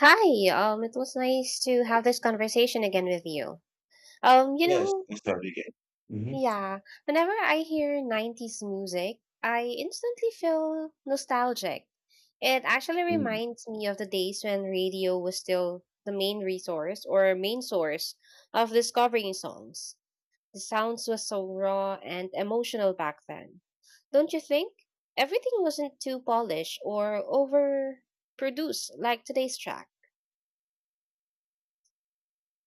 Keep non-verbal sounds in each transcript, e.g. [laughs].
Hi, it was nice to have this conversation again with you. Um, you Yes, know, study game. Mhm. yeah, whenever I hear 90s music, I instantly feel nostalgic. It actually Mm. reminds me of the days when radio was still the main resource or main source of discovering songs. The sounds was so raw and emotional back then. Don't you think? Everything wasn't too polished or overproduced like today's track.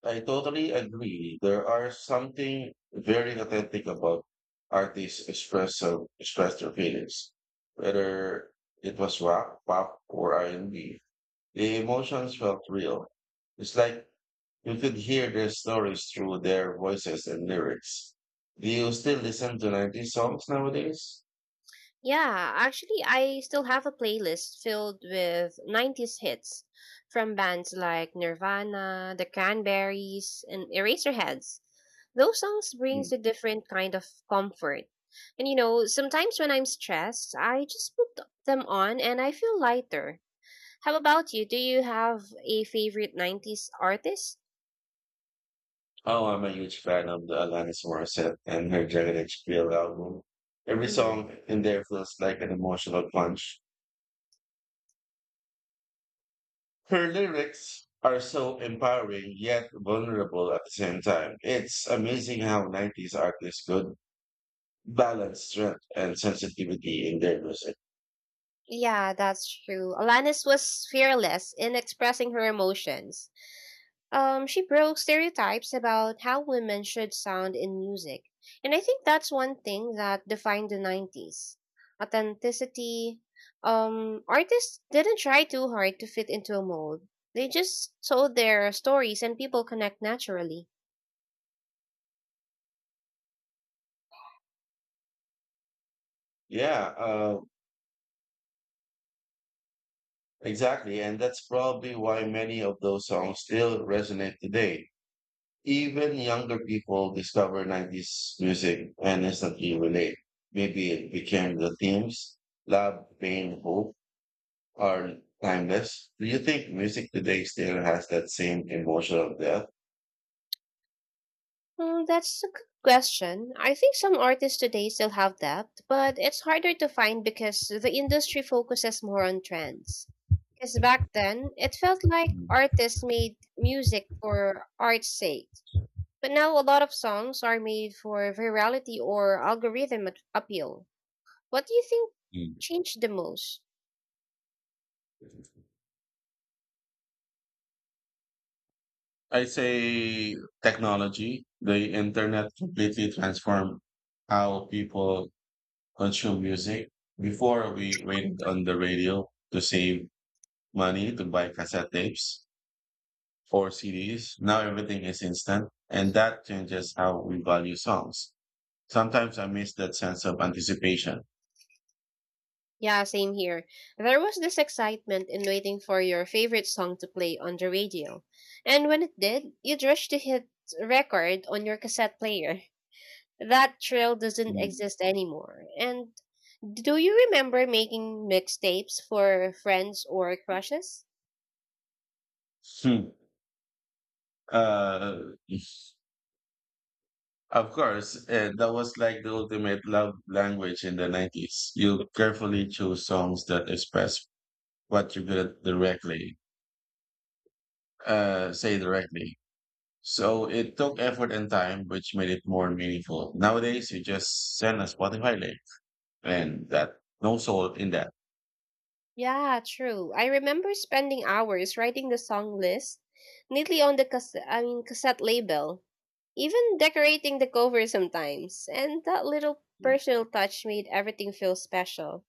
I totally agree. There are something very authentic about artists express express their feelings, whether it was rock, pop, or R and B. The emotions felt real. It's like you could hear their stories through their voices and lyrics. Do you still listen to 90s songs nowadays? Yeah, actually, I still have a playlist filled with 90s hits from bands like Nirvana, The Cranberries, and Eraserheads. Those songs Hmm. brings a different kind of comfort. And sometimes when I'm stressed, I just put them on and I feel lighter. How about you? Do you have a favorite 90s artist? Oh, I'm a huge fan of the Alanis Morissette and her Jagged Edge album. Every Mm. song in there feels like an emotional punch. Her lyrics are so empowering yet vulnerable at the same time. It's amazing how 90s artists could balance strength and sensitivity in their music. Yeah, that's true. Alanis was fearless in expressing her emotions. She broke stereotypes about how women should sound in music. And I think that's one thing that defined the 90s authenticity. Artists didn't try too hard to fit into a mold. They just told their stories and people connect naturally. Yeah, exactly. And that's probably why many of those songs still resonate today. Even younger people discover 90s music and instantly relate. Maybe it became the themes, love, pain, hope are timeless. Do you think music today still has that same emotional depth? Mm, that's a good question. I think some artists today still have depth, but it's harder to find because the industry focuses more on trends. Because back then, it felt like Mm. artists made music for art's sake. But now a lot of songs are made for virality or algorithm appeal. What do you think changed the most? I say technology, the internet completely transformed how people consume music. Before we waited on the radio to save money to buy cassette tapes for CDs. Now everything is instant, and that changes how we value songs. Sometimes I miss that sense of anticipation. Yeah, same here. There was this excitement in waiting for your favorite song to play on the radio. And when it did, you'd rush to hit record on your cassette player. That thrill doesn't Mm. exist anymore. And do you remember making mixtapes for friends or crushes? Hmm. [laughs] Uh, of course, that was like the ultimate love language in the 90s. You carefully choose songs that express what you feel directly, say directly. So it took effort and time, which made it more meaningful. Nowadays, you just send a Spotify link, and that no soul in that. Yeah, true. I remember spending hours writing the song list neatly on the cassette, I mean cassette label, even decorating the cover sometimes. And that little personal touch made everything feel special.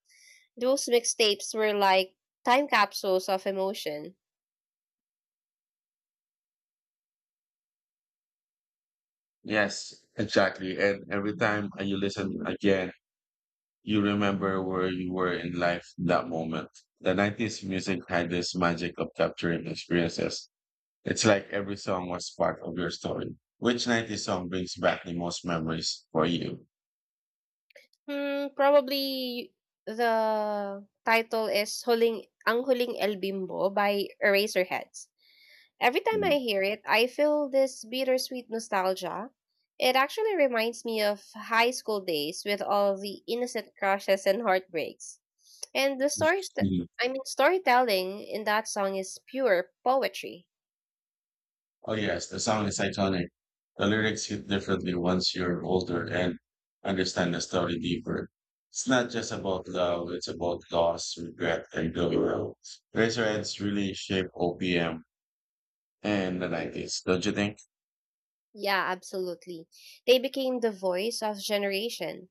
Those mixtapes were like time capsules of emotion. Yes, exactly. And every time you listen again, you remember where you were in life that moment. The 90s music had this magic of capturing experiences. It's like every song was part of your story. Which 90s song brings back the most memories for you? Hmm, probably the title is Huling Ang Huling El Bimbo by Eraserheads. Every time I hear it, I feel this bittersweet nostalgia. It actually reminds me of high school days with all the innocent crushes and heartbreaks. And the stories that I mean storytelling in that song is pure poetry. Oh yes, the song is iconic. The lyrics hit differently once you're older and understand the story deeper. It's not just about love, it's about loss, regret, and growing up. Razorheads really shaped OPM in the 90s, don't you think? Yeah, absolutely. They became the voice of generation.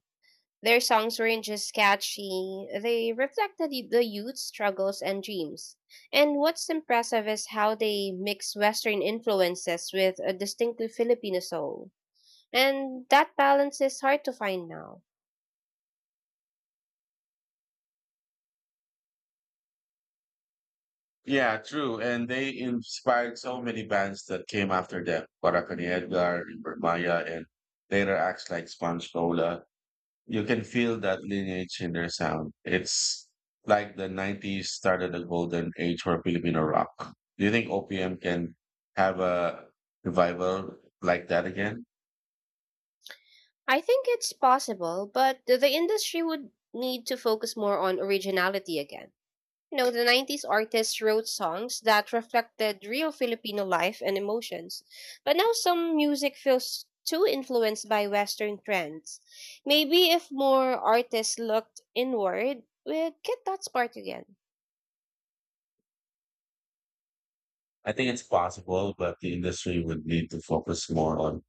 Their songs weren't just catchy, they reflected the youth's struggles and dreams. And what's impressive is how they mix Western influences with a distinctly Filipino soul. And that balance is hard to find now. Yeah, true. And they inspired so many bands that came after them. Barakani Edgar, River Maya, and later acts like Sponge Cola. You can feel that lineage in their sound. It's like the 90s started a golden age for Filipino rock. Do you think OPM can have a revival like that again? I think it's possible, but the industry would need to focus more on originality again. The 90s artists wrote songs that reflected real Filipino life and emotions. But now some music feels too influenced by Western trends. Maybe if more artists looked inward, we'd get that spark again. I think it's possible, but the industry would need to focus more on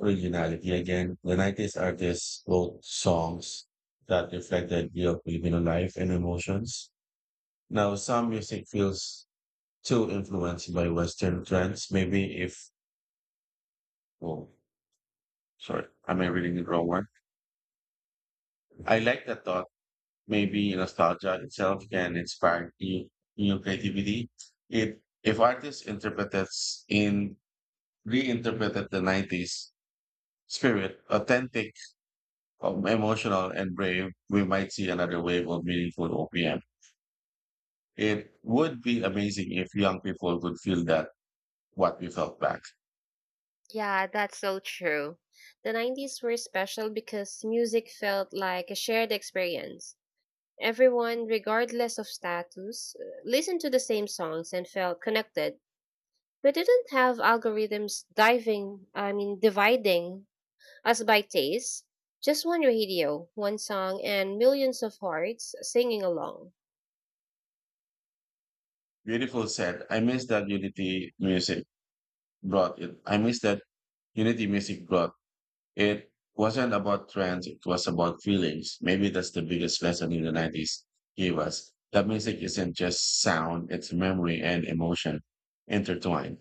originality again. The 90s artists wrote songs that reflect the idea of Filipino life and emotions. Now, some music feels too influenced by Western trends. Maybe if, oh, sorry, am I reading the wrong one? I like the thought. Maybe nostalgia itself can inspire new creativity. If if artists interprets in reinterpreted 90s spirit, authentic, emotional, and brave, we might see another wave of meaningful OPM. It would be amazing if young people could feel that what we felt back. Yeah, that's so true. The 90s were special because music felt like a shared experience. Everyone, regardless of status, listened to the same songs and felt connected. We didn't have algorithms I mean, dividing us by taste. Just one radio, one song, and millions of hearts singing along. Beautiful said, I miss that unity music brought it. I miss that unity music brought. It wasn't about trends, it was about feelings. Maybe that's the biggest lesson in the 90s gave us. That music isn't just sound, it's memory and emotion intertwined.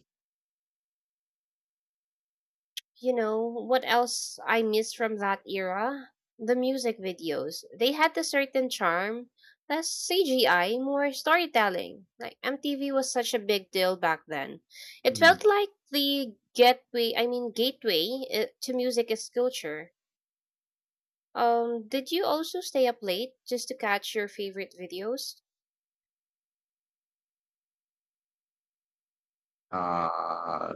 You know, what else I miss from that era? The music videos. They had a certain charm, less CGI, more storytelling. Like, MTV was such a big deal back then. It felt Mm. like the gateway, to music is culture. Did you also stay up late just to catch your favorite videos? Uh,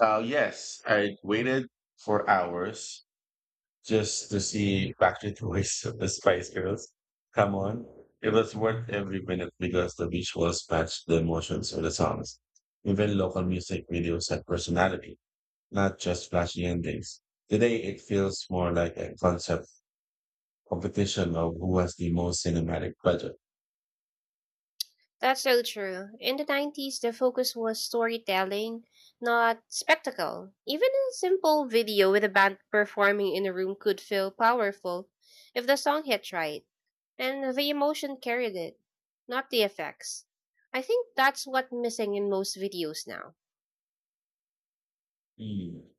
yes, I waited for hours just to see Backstreet Boys of the Spice Girls. Come on. It was worth every minute because the visuals matched the emotions of the songs. Even local music videos had personality not just flashy endings. Today, it feels more like a concept competition of who has the most cinematic budget. That's so true. In the 90s, the focus was storytelling, not spectacle. Even a simple video with a band performing in a room could feel powerful if the song hit right and the emotion carried it, not the effects. I think that's what's missing in most videos now. Mm.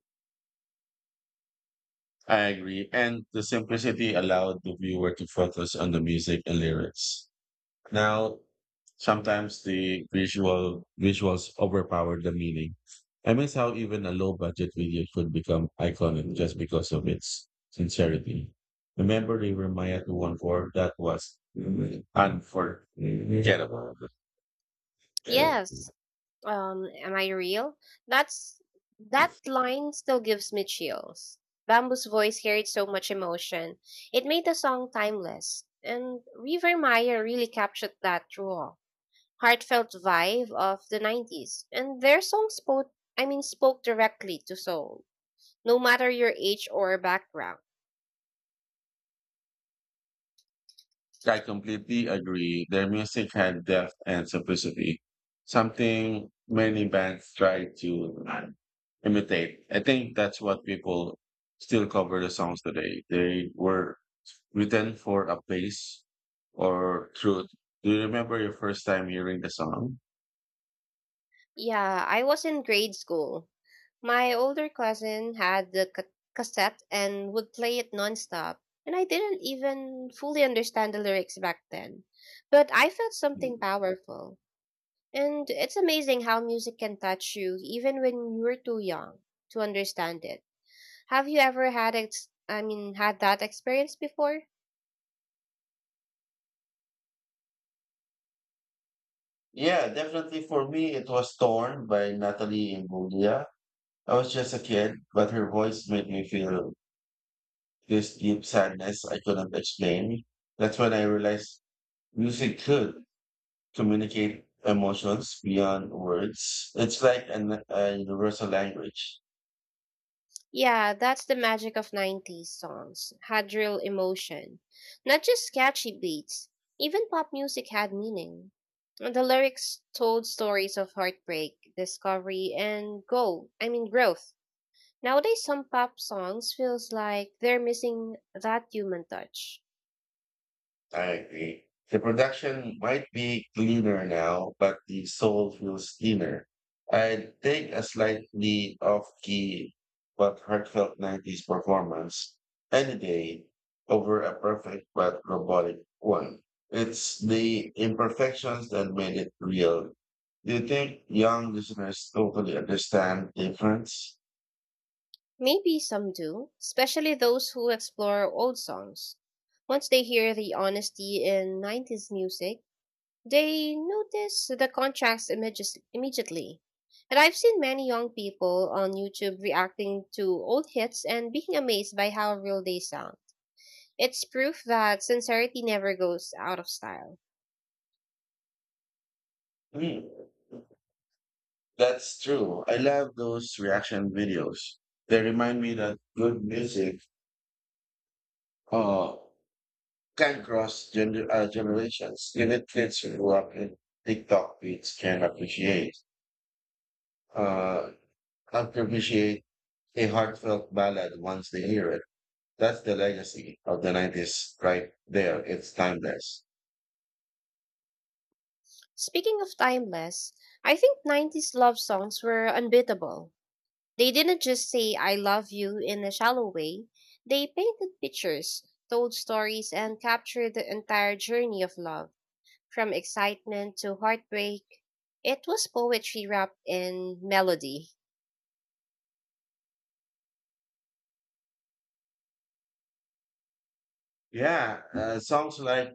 I agree. And the simplicity allowed the viewer to focus on the music and lyrics. Now, sometimes the visuals overpower the meaning. I miss how even a low budget video could become iconic just because of its sincerity. Remember the Jeremiah 214? That was unforgettable. Yes. Am I real? That's that line still gives me chills. Bamboo's voice carried so much emotion. It made the song timeless. And River Maya really captured that raw, heartfelt vibe of the 90s. And their song spoke I mean spoke directly to soul, no matter your age or background. So, I completely agree. Their music had depth and simplicity, something many bands try to imitate. I think that's what people still cover the songs today. They were written for a place or truth. Do you remember your first time hearing the song? Yeah, I was in grade school. My older cousin had the cassette and would play it nonstop, and I didn't even fully understand the lyrics back then. But I felt something powerful. And it's amazing how music can touch you even when you're too young to understand it. Have you ever had ex- I mean had that experience before? Yeah, definitely for me, it was Torn by Natalie Imbruglia. I was just a kid, but her voice made me feel this deep sadness I couldn't explain. That's when I realized music could communicate emotions beyond words. It's like a universal language. Yeah, that's the magic of 90s songs. Had real emotion. Not just catchy beats. Even pop music had meaning. And the lyrics told stories of heartbreak, discovery, and go, I mean growth. Nowadays some pop songs feels like they're missing that human touch. I agree. The production might be cleaner now, but the soul feels thinner. I'd take a slightly off-key but heartfelt 90s performance any day over a perfect but robotic one. It's the imperfections that made it real. Do you think young listeners totally understand the difference? Maybe some do, especially those who explore old songs. Once they hear the honesty in 90s music, they notice the contrast images immediately. And I've seen many young people on YouTube reacting to old hits and being amazed by how real they sound. It's proof that sincerity never goes out of style. Hmm. That's true. I love those reaction videos. They remind me that good music uh, can cross generations. Even kids who grew up in TikTok beats can uh, appreciate a heartfelt ballad once they hear it. That's the legacy of the 90s right there. It's timeless. Speaking of timeless, I think 90s love songs were unbeatable. They didn't just say I love you in a shallow way, they painted pictures, told stories, and captured the entire journey of love, from excitement to heartbreak. It was poetry wrapped in melody. Yeah, songs like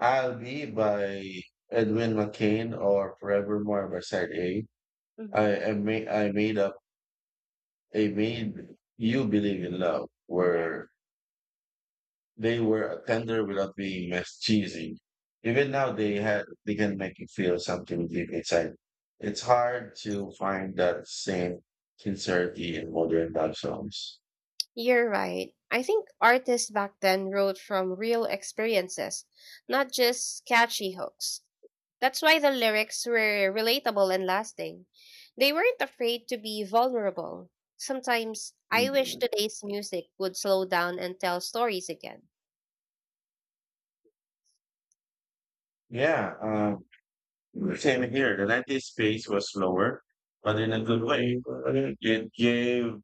I'll Be by Edwin McCain or Forevermore by Side A. Mhm. I, ma- I made up, I made You Believe in Love were. They were tender without being mess cheesy. Even now, they can make you feel something deep inside. It's hard to find that same sincerity in modern love songs. You're right. I think artists back then wrote from real experiences, not just catchy hooks. That's why the lyrics were relatable and lasting. They weren't afraid to be vulnerable. Sometimes I wish Mm. today's music would slow down and tell stories again. Yeah, same here. The 90s pace was slower, but in a good way. It gave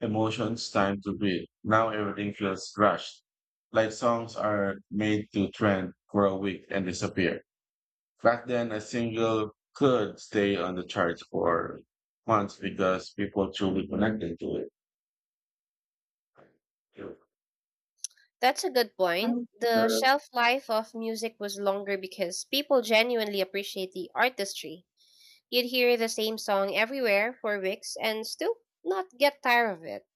emotions time to breathe. Now everything feels rushed. Like songs are made to trend for a week and disappear. Back then, a single could stay on the charts for months because people truly connected to it. That's a good point. The shelf life of music was longer because people genuinely appreciate the artistry. You'd hear the same song everywhere for weeks and still not get tired of it.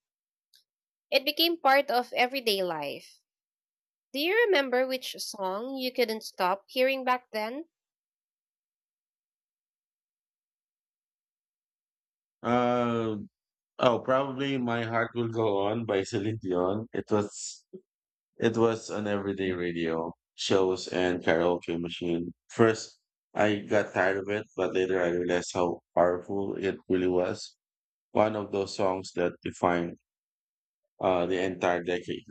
It became part of everyday life. Do you remember which song you couldn't stop hearing back then? Uh, oh, probably My Heart Will Go On by Celine Dion. It was an everyday radio, shows, and karaoke machine. First, I got tired of it, but later I realized how powerful it really was. One of those songs that defined the entire decade.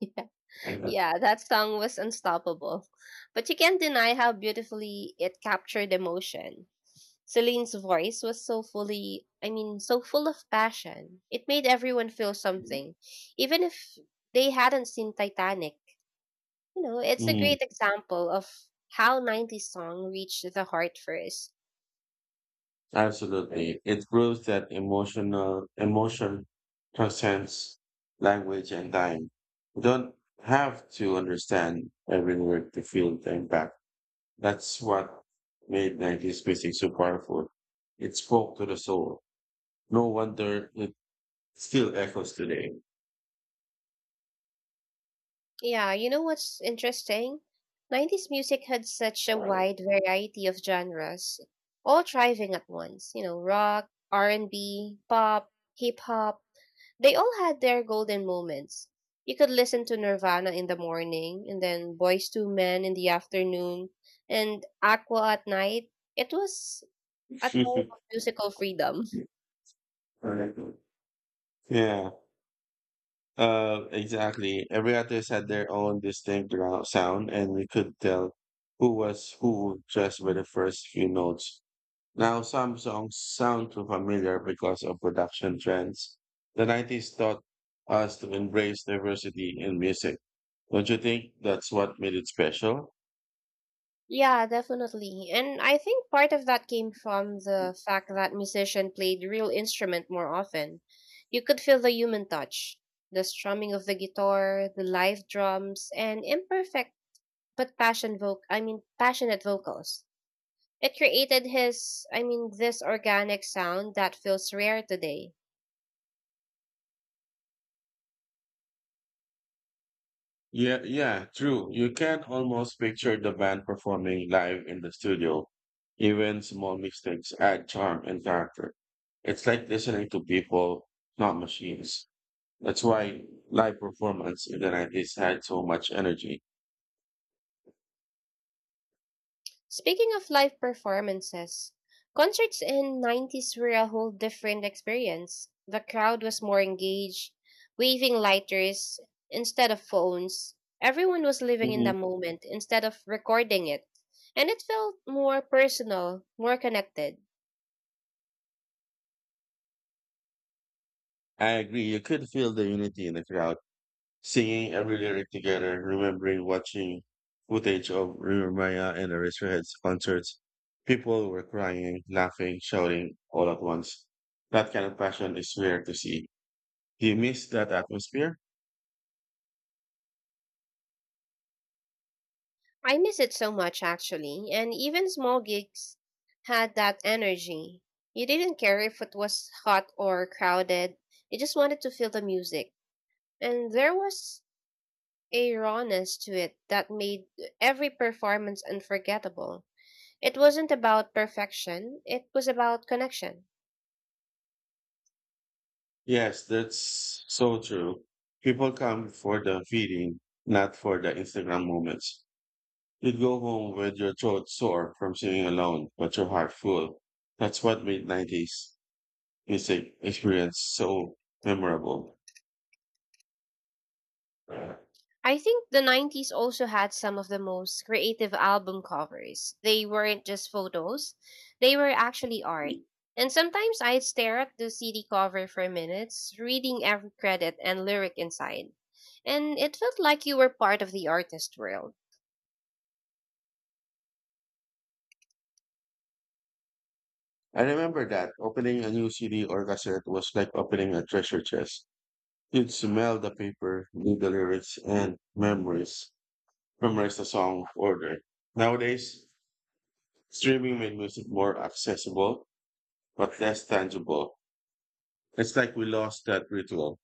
[laughs] Yeah, that song was unstoppable. But you can't deny how beautifully it captured emotion. Celine's voice was so full of passion. It made everyone feel something, even if they hadn't seen Titanic. You know, it's a great Mm, example of how 90s song reached the heart first. absolutely. It proves that emotion transcends language and time. You don't have to understand every word to feel the impact. That's what made 90s music so powerful. It spoke to the soul. No wonder it still echoes today. Yeah, you know what's interesting? 90s music had such a wide variety of genres, all thriving at once. Rock, R&B, pop, hip hop. They all had their golden moments. You could listen to Nirvana in the morning and then Boys Two Men in the afternoon and Aqua at night. It was a time of [laughs] musical freedom. Yeah, exactly. Every artist had their own distinct sound, and we could tell who was who just by the first few notes. Now, some songs sound too familiar because of production trends. The 90s taught us to embrace diversity in music. Don't you think that's what made it special? Yeah, definitely. And I think part of that came from the fact that musicians played real instrument more often. You could feel the human touch, the strumming of the guitar, the live drums, and imperfect but passionate vocals. It created his I mean this organic sound that feels rare today. Yeah, true. You can almost picture the band performing live in the studio. Even small mistakes add charm and character. It's like listening to people, not machines. That's why live performance in the 90s had so much energy. Speaking of live performances, concerts in 90s were a whole different experience. The crowd was more engaged, waving lighters instead of phones. Everyone was living in the Hmm. moment instead of recording it. And it felt more personal, more connected. I agree. You could feel the unity in the crowd, singing every lyric together, remembering watching footage of River and Eraserhead's concerts. People were crying, laughing, shouting all at once. That kind of passion is rare to see. You miss that atmosphere? I miss it so much actually, and even small gigs had that energy. You didn't care if it was hot or crowded. You just wanted to feel the music. And there was a rawness to it that made every performance unforgettable. It wasn't about perfection, it was about connection. Yes, that's so true. People come for the feeding, not for the Instagram moments. You go home with your throat sore from singing alone, but your heart full. That's what made 90s music experience so memorable. I think the 90s also had some of the most creative album covers. They weren't just photos, they were actually art. And sometimes I'd stare at the CD cover for minutes, reading every credit and lyric inside. And it felt like you were part of the artist world. I remember that opening a new CD or cassette was like opening a treasure chest. You'd smell the paper, read the lyrics, and memorize the song order. Nowadays, streaming made music more accessible, but less tangible. It's like we lost that ritual.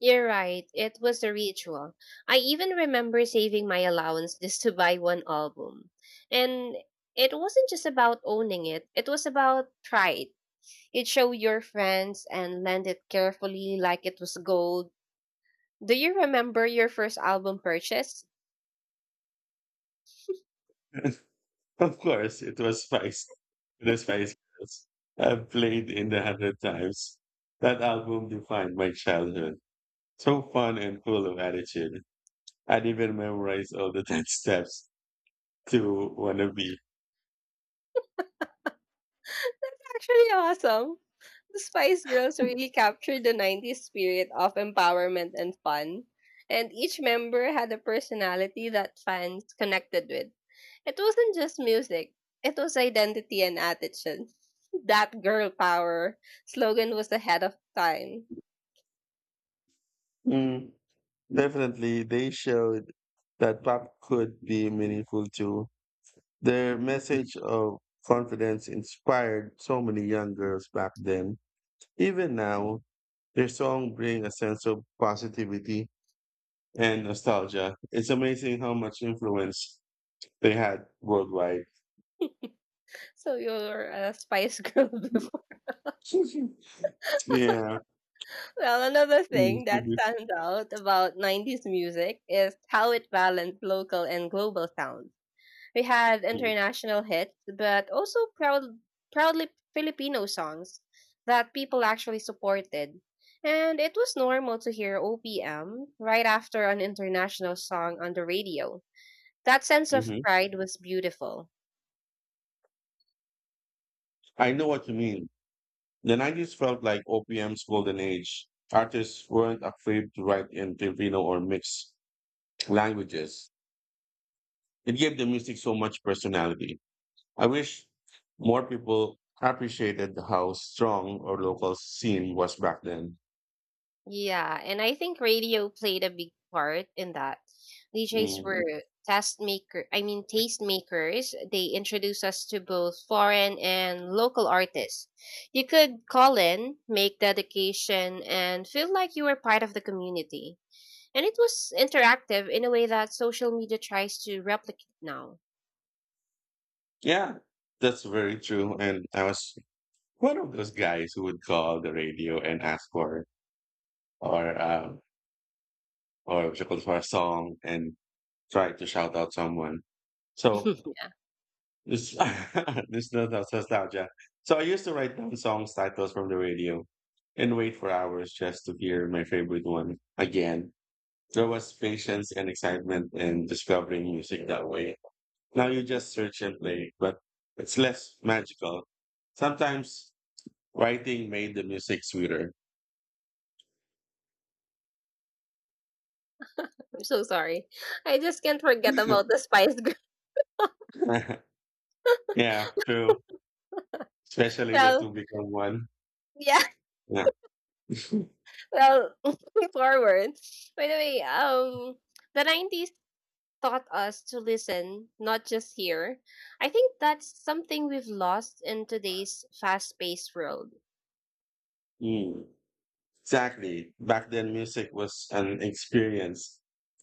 You're right. It was a ritual. I even remember saving my allowance just to buy one album. And it wasn't just about owning it, it was about pride. You'd show your friends and lend it carefully like it was gold. Do you remember your first album purchase? [laughs] Of course, it was Spice. The Spice Girls. I've played in the hundred times. That album defined my childhood. So fun and full of attitude. I'd even memorize all the [laughs] 10 steps to Wannabe. That's actually awesome. The Spice Girls really captured the 90s spirit of empowerment and fun, and each member had a personality that fans connected with. It wasn't just music, it was identity and attitude. [laughs] That girl power slogan was ahead of time. Mm, definitely, they showed that pop could be meaningful too. Their message of confidence inspired so many young girls back then. Even now, their song bring a sense of positivity and nostalgia. It's amazing how much influence they had worldwide. So you were a Spice Girl [laughs] before. [laughs] Yeah. Well, another Mm, thing to that be- stands out about 90s music is how it balanced local and global sounds. We had mm, international hits, but also proudly Filipino songs that people actually supported. And it was normal to hear OPM right after an international song on the radio. That sense of mhm. pride was beautiful. I know what you mean. The 90s felt like OPM's golden age. Artists weren't afraid to write in Filipino or mixed languages. It gave the music so much personality. I wish more people appreciated how strong our local scene was back then. Yeah, and I think radio played a big part in that. DJs Mm, were taste makers. They introduced us to both foreign and local artists. You could call in, make dedication, and feel like you were part of the community. And it was interactive in a way that social media tries to replicate now. yeah, that's very true. And I was one of those guys who would call the radio and ask for or um, or what you call it, for a song and try to shout out someone. [laughs] So I'm this [laughs] this no- no- nostalgia. So I used to write down songs titles from the radio and wait for hours just to hear my favorite one again. There was patience and excitement in discovering music that way. Now you just search and play, but it's less magical. Sometimes writing made the music sweeter. so sorry. I just can't forget about the Spice Girl. [laughs] [laughs] Yeah, true. Especially the Well, two become one. yeah. Yeah. [laughs] Well, [laughs] moving forward. By the way, the '90s taught us to listen, not just hear. I think that's something we've lost in today's fast-paced world. Mm. Exactly. Back then, music was an experience,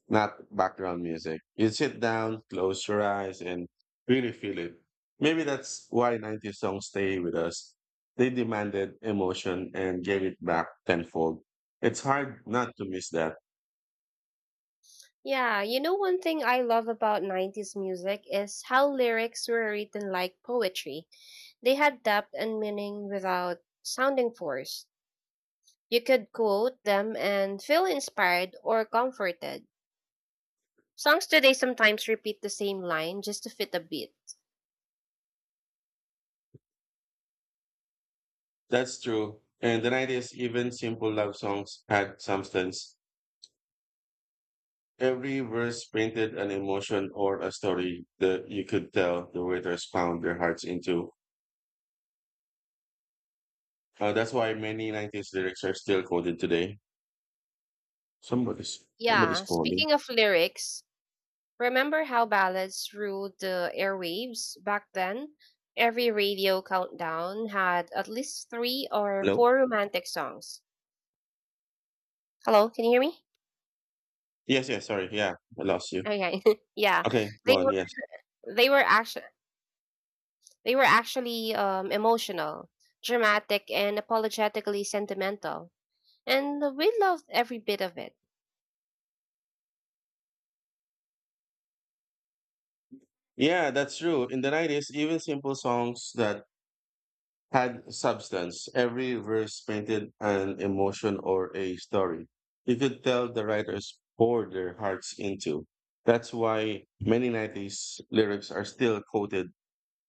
not background music. You sit down, close your eyes, and really feel it. Maybe that's why 90s songs stay with us. They demanded emotion and gave it back tenfold. It's hard not to miss that. Yeah, you know one thing I love about '90s music is how lyrics were written like poetry. They had depth and meaning without sounding forced. You could quote them and feel inspired or comforted. Songs today sometimes repeat the same line just to fit a beat. That's true. And the 90s, even simple love songs had substance. Every verse painted an emotion or a story that you could tell the waiters found their hearts into. That's why many 90s lyrics are still quoted today. Somebody's Yeah, calling. speaking of lyrics, remember how ballads ruled the airwaves back then? Every radio countdown had at least three or Hello? four romantic songs. Hello, can you hear me? Yes, sorry. Yeah, I lost you. Okay. [laughs] yeah. Okay, They go on, yes. were they were actually they were actually emotional, dramatic and apologetically sentimental. And we loved every bit of it. Yeah, that's true. In the 90s, even simple songs that had substance, every verse painted an emotion or a story. You could tell the writers poured their hearts into. That's why many 90s lyrics are still quoted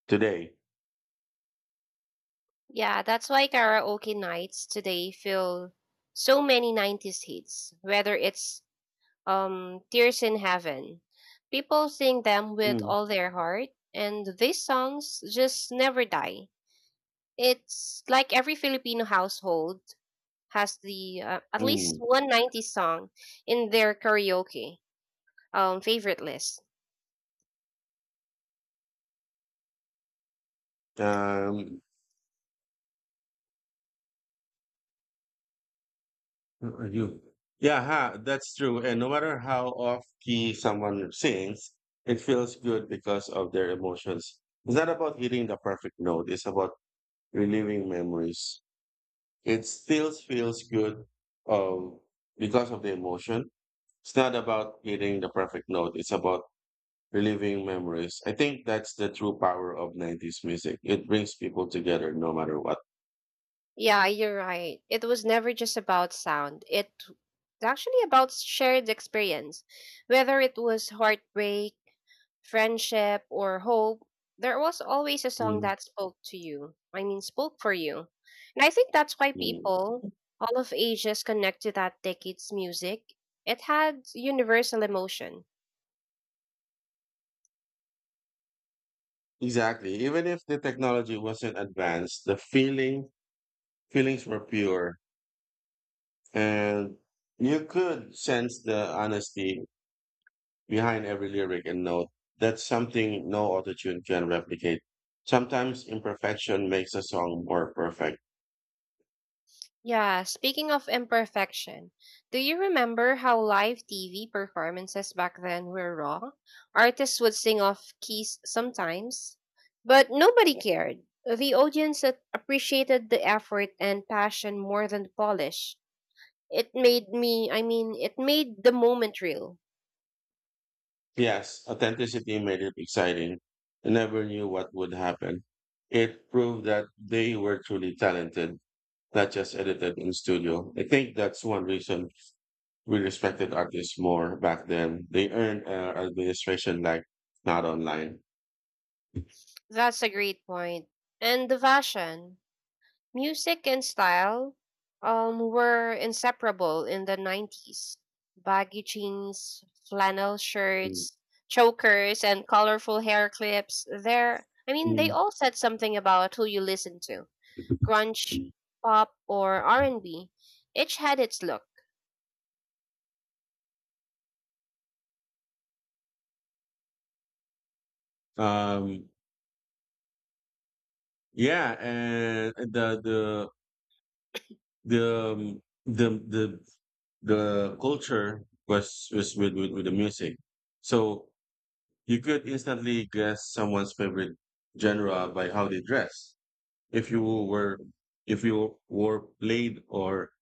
today. Yeah, that's why karaoke nights today feel so many 90s hits, whether it's Tears in Heaven. People sing them with Mm, all their heart, and these songs just never die. It's like every Filipino household has the at least mm. one nineties song in their karaoke favorite list. Um, Uh, You, yeah, ha, that's true. And no matter how off key someone sings, it feels good because of their emotions. It's not about hitting the perfect note. It's about reliving memories. It still feels good, um, because of the emotion. It's not about hitting the perfect note. It's about reliving memories. I think that's the true power of 90s music. It brings people together no matter what. Yeah, you're right. It was never just about sound. It was actually about shared experience, whether it was heartbreak friendship, or hope, there was always a song Mm, that spoke to you. I mean, spoke for you. And I think that's why mm. people, all of ages, connect to that decade's music. It had universal emotion. Exactly. Even if the technology wasn't advanced, the feeling feelings were pure, and you could sense the honesty behind every lyric and note. That's something no autotune can replicate. Sometimes imperfection makes a song more perfect. Yeah, speaking of imperfection, do you remember how live TV performances back then were raw? Artists would sing off keys sometimes, but nobody cared. The audience appreciated the effort and passion more than the polish. It made me, I mean, It made the moment real. Yes, authenticity made it exciting. I never knew what would happen. It proved that they were truly talented, not just edited in studio. I think that's one reason we respected artists more back then. They earned administration like not online. That's a great point. And the fashion, music and style were inseparable in the 90s. Baggy jeans, flannel shirts, chokers and colorful hair clips. They Mm. all said something about who you listen to. Grunge, pop or R&B. Each had its look. Um, yeah, and the um, the the the culture was with the music. So you could instantly guess someone's favorite genre by how they dress. If you were if you wore plaid or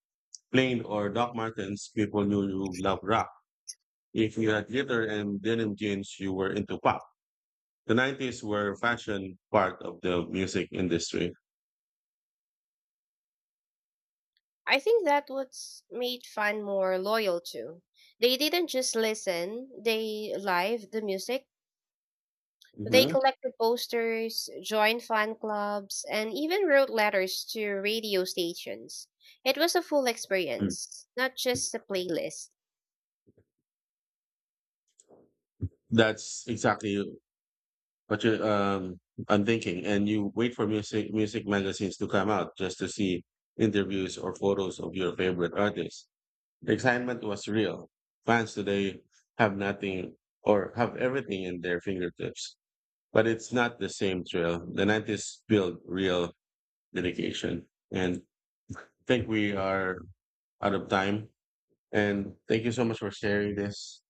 plain or Doc Martens, people knew you love rock. If you had glitter and denim jeans, you were into pop. 90s were fashion part of the music industry. I think that what's made fan more loyal too. They didn't just listen, they live the music. They Hmm. collected posters, joined fan clubs, and even wrote letters to radio stations. It was a full experience, not just a playlist. That's exactly what you I'm thinking. And you wait for music magazines to come out just to see interviews or photos of your favorite artists. The excitement was real. Fans today have nothing or have everything in their fingertips, but it's not the same thrill. The 90s built real dedication. And I think we are out of time. And thank you so much for sharing this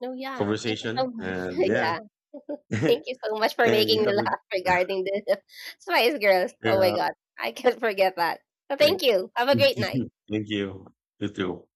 No, yeah, thank you so conversation. much. And [laughs] yeah, yeah, [laughs] thank you and so much for you making me [laughs] have a laugh regarding the [laughs] Spice Girls. good Oh my god, I can't forget that. So thank. thank you. Have a great night. [laughs] Thank you. You too.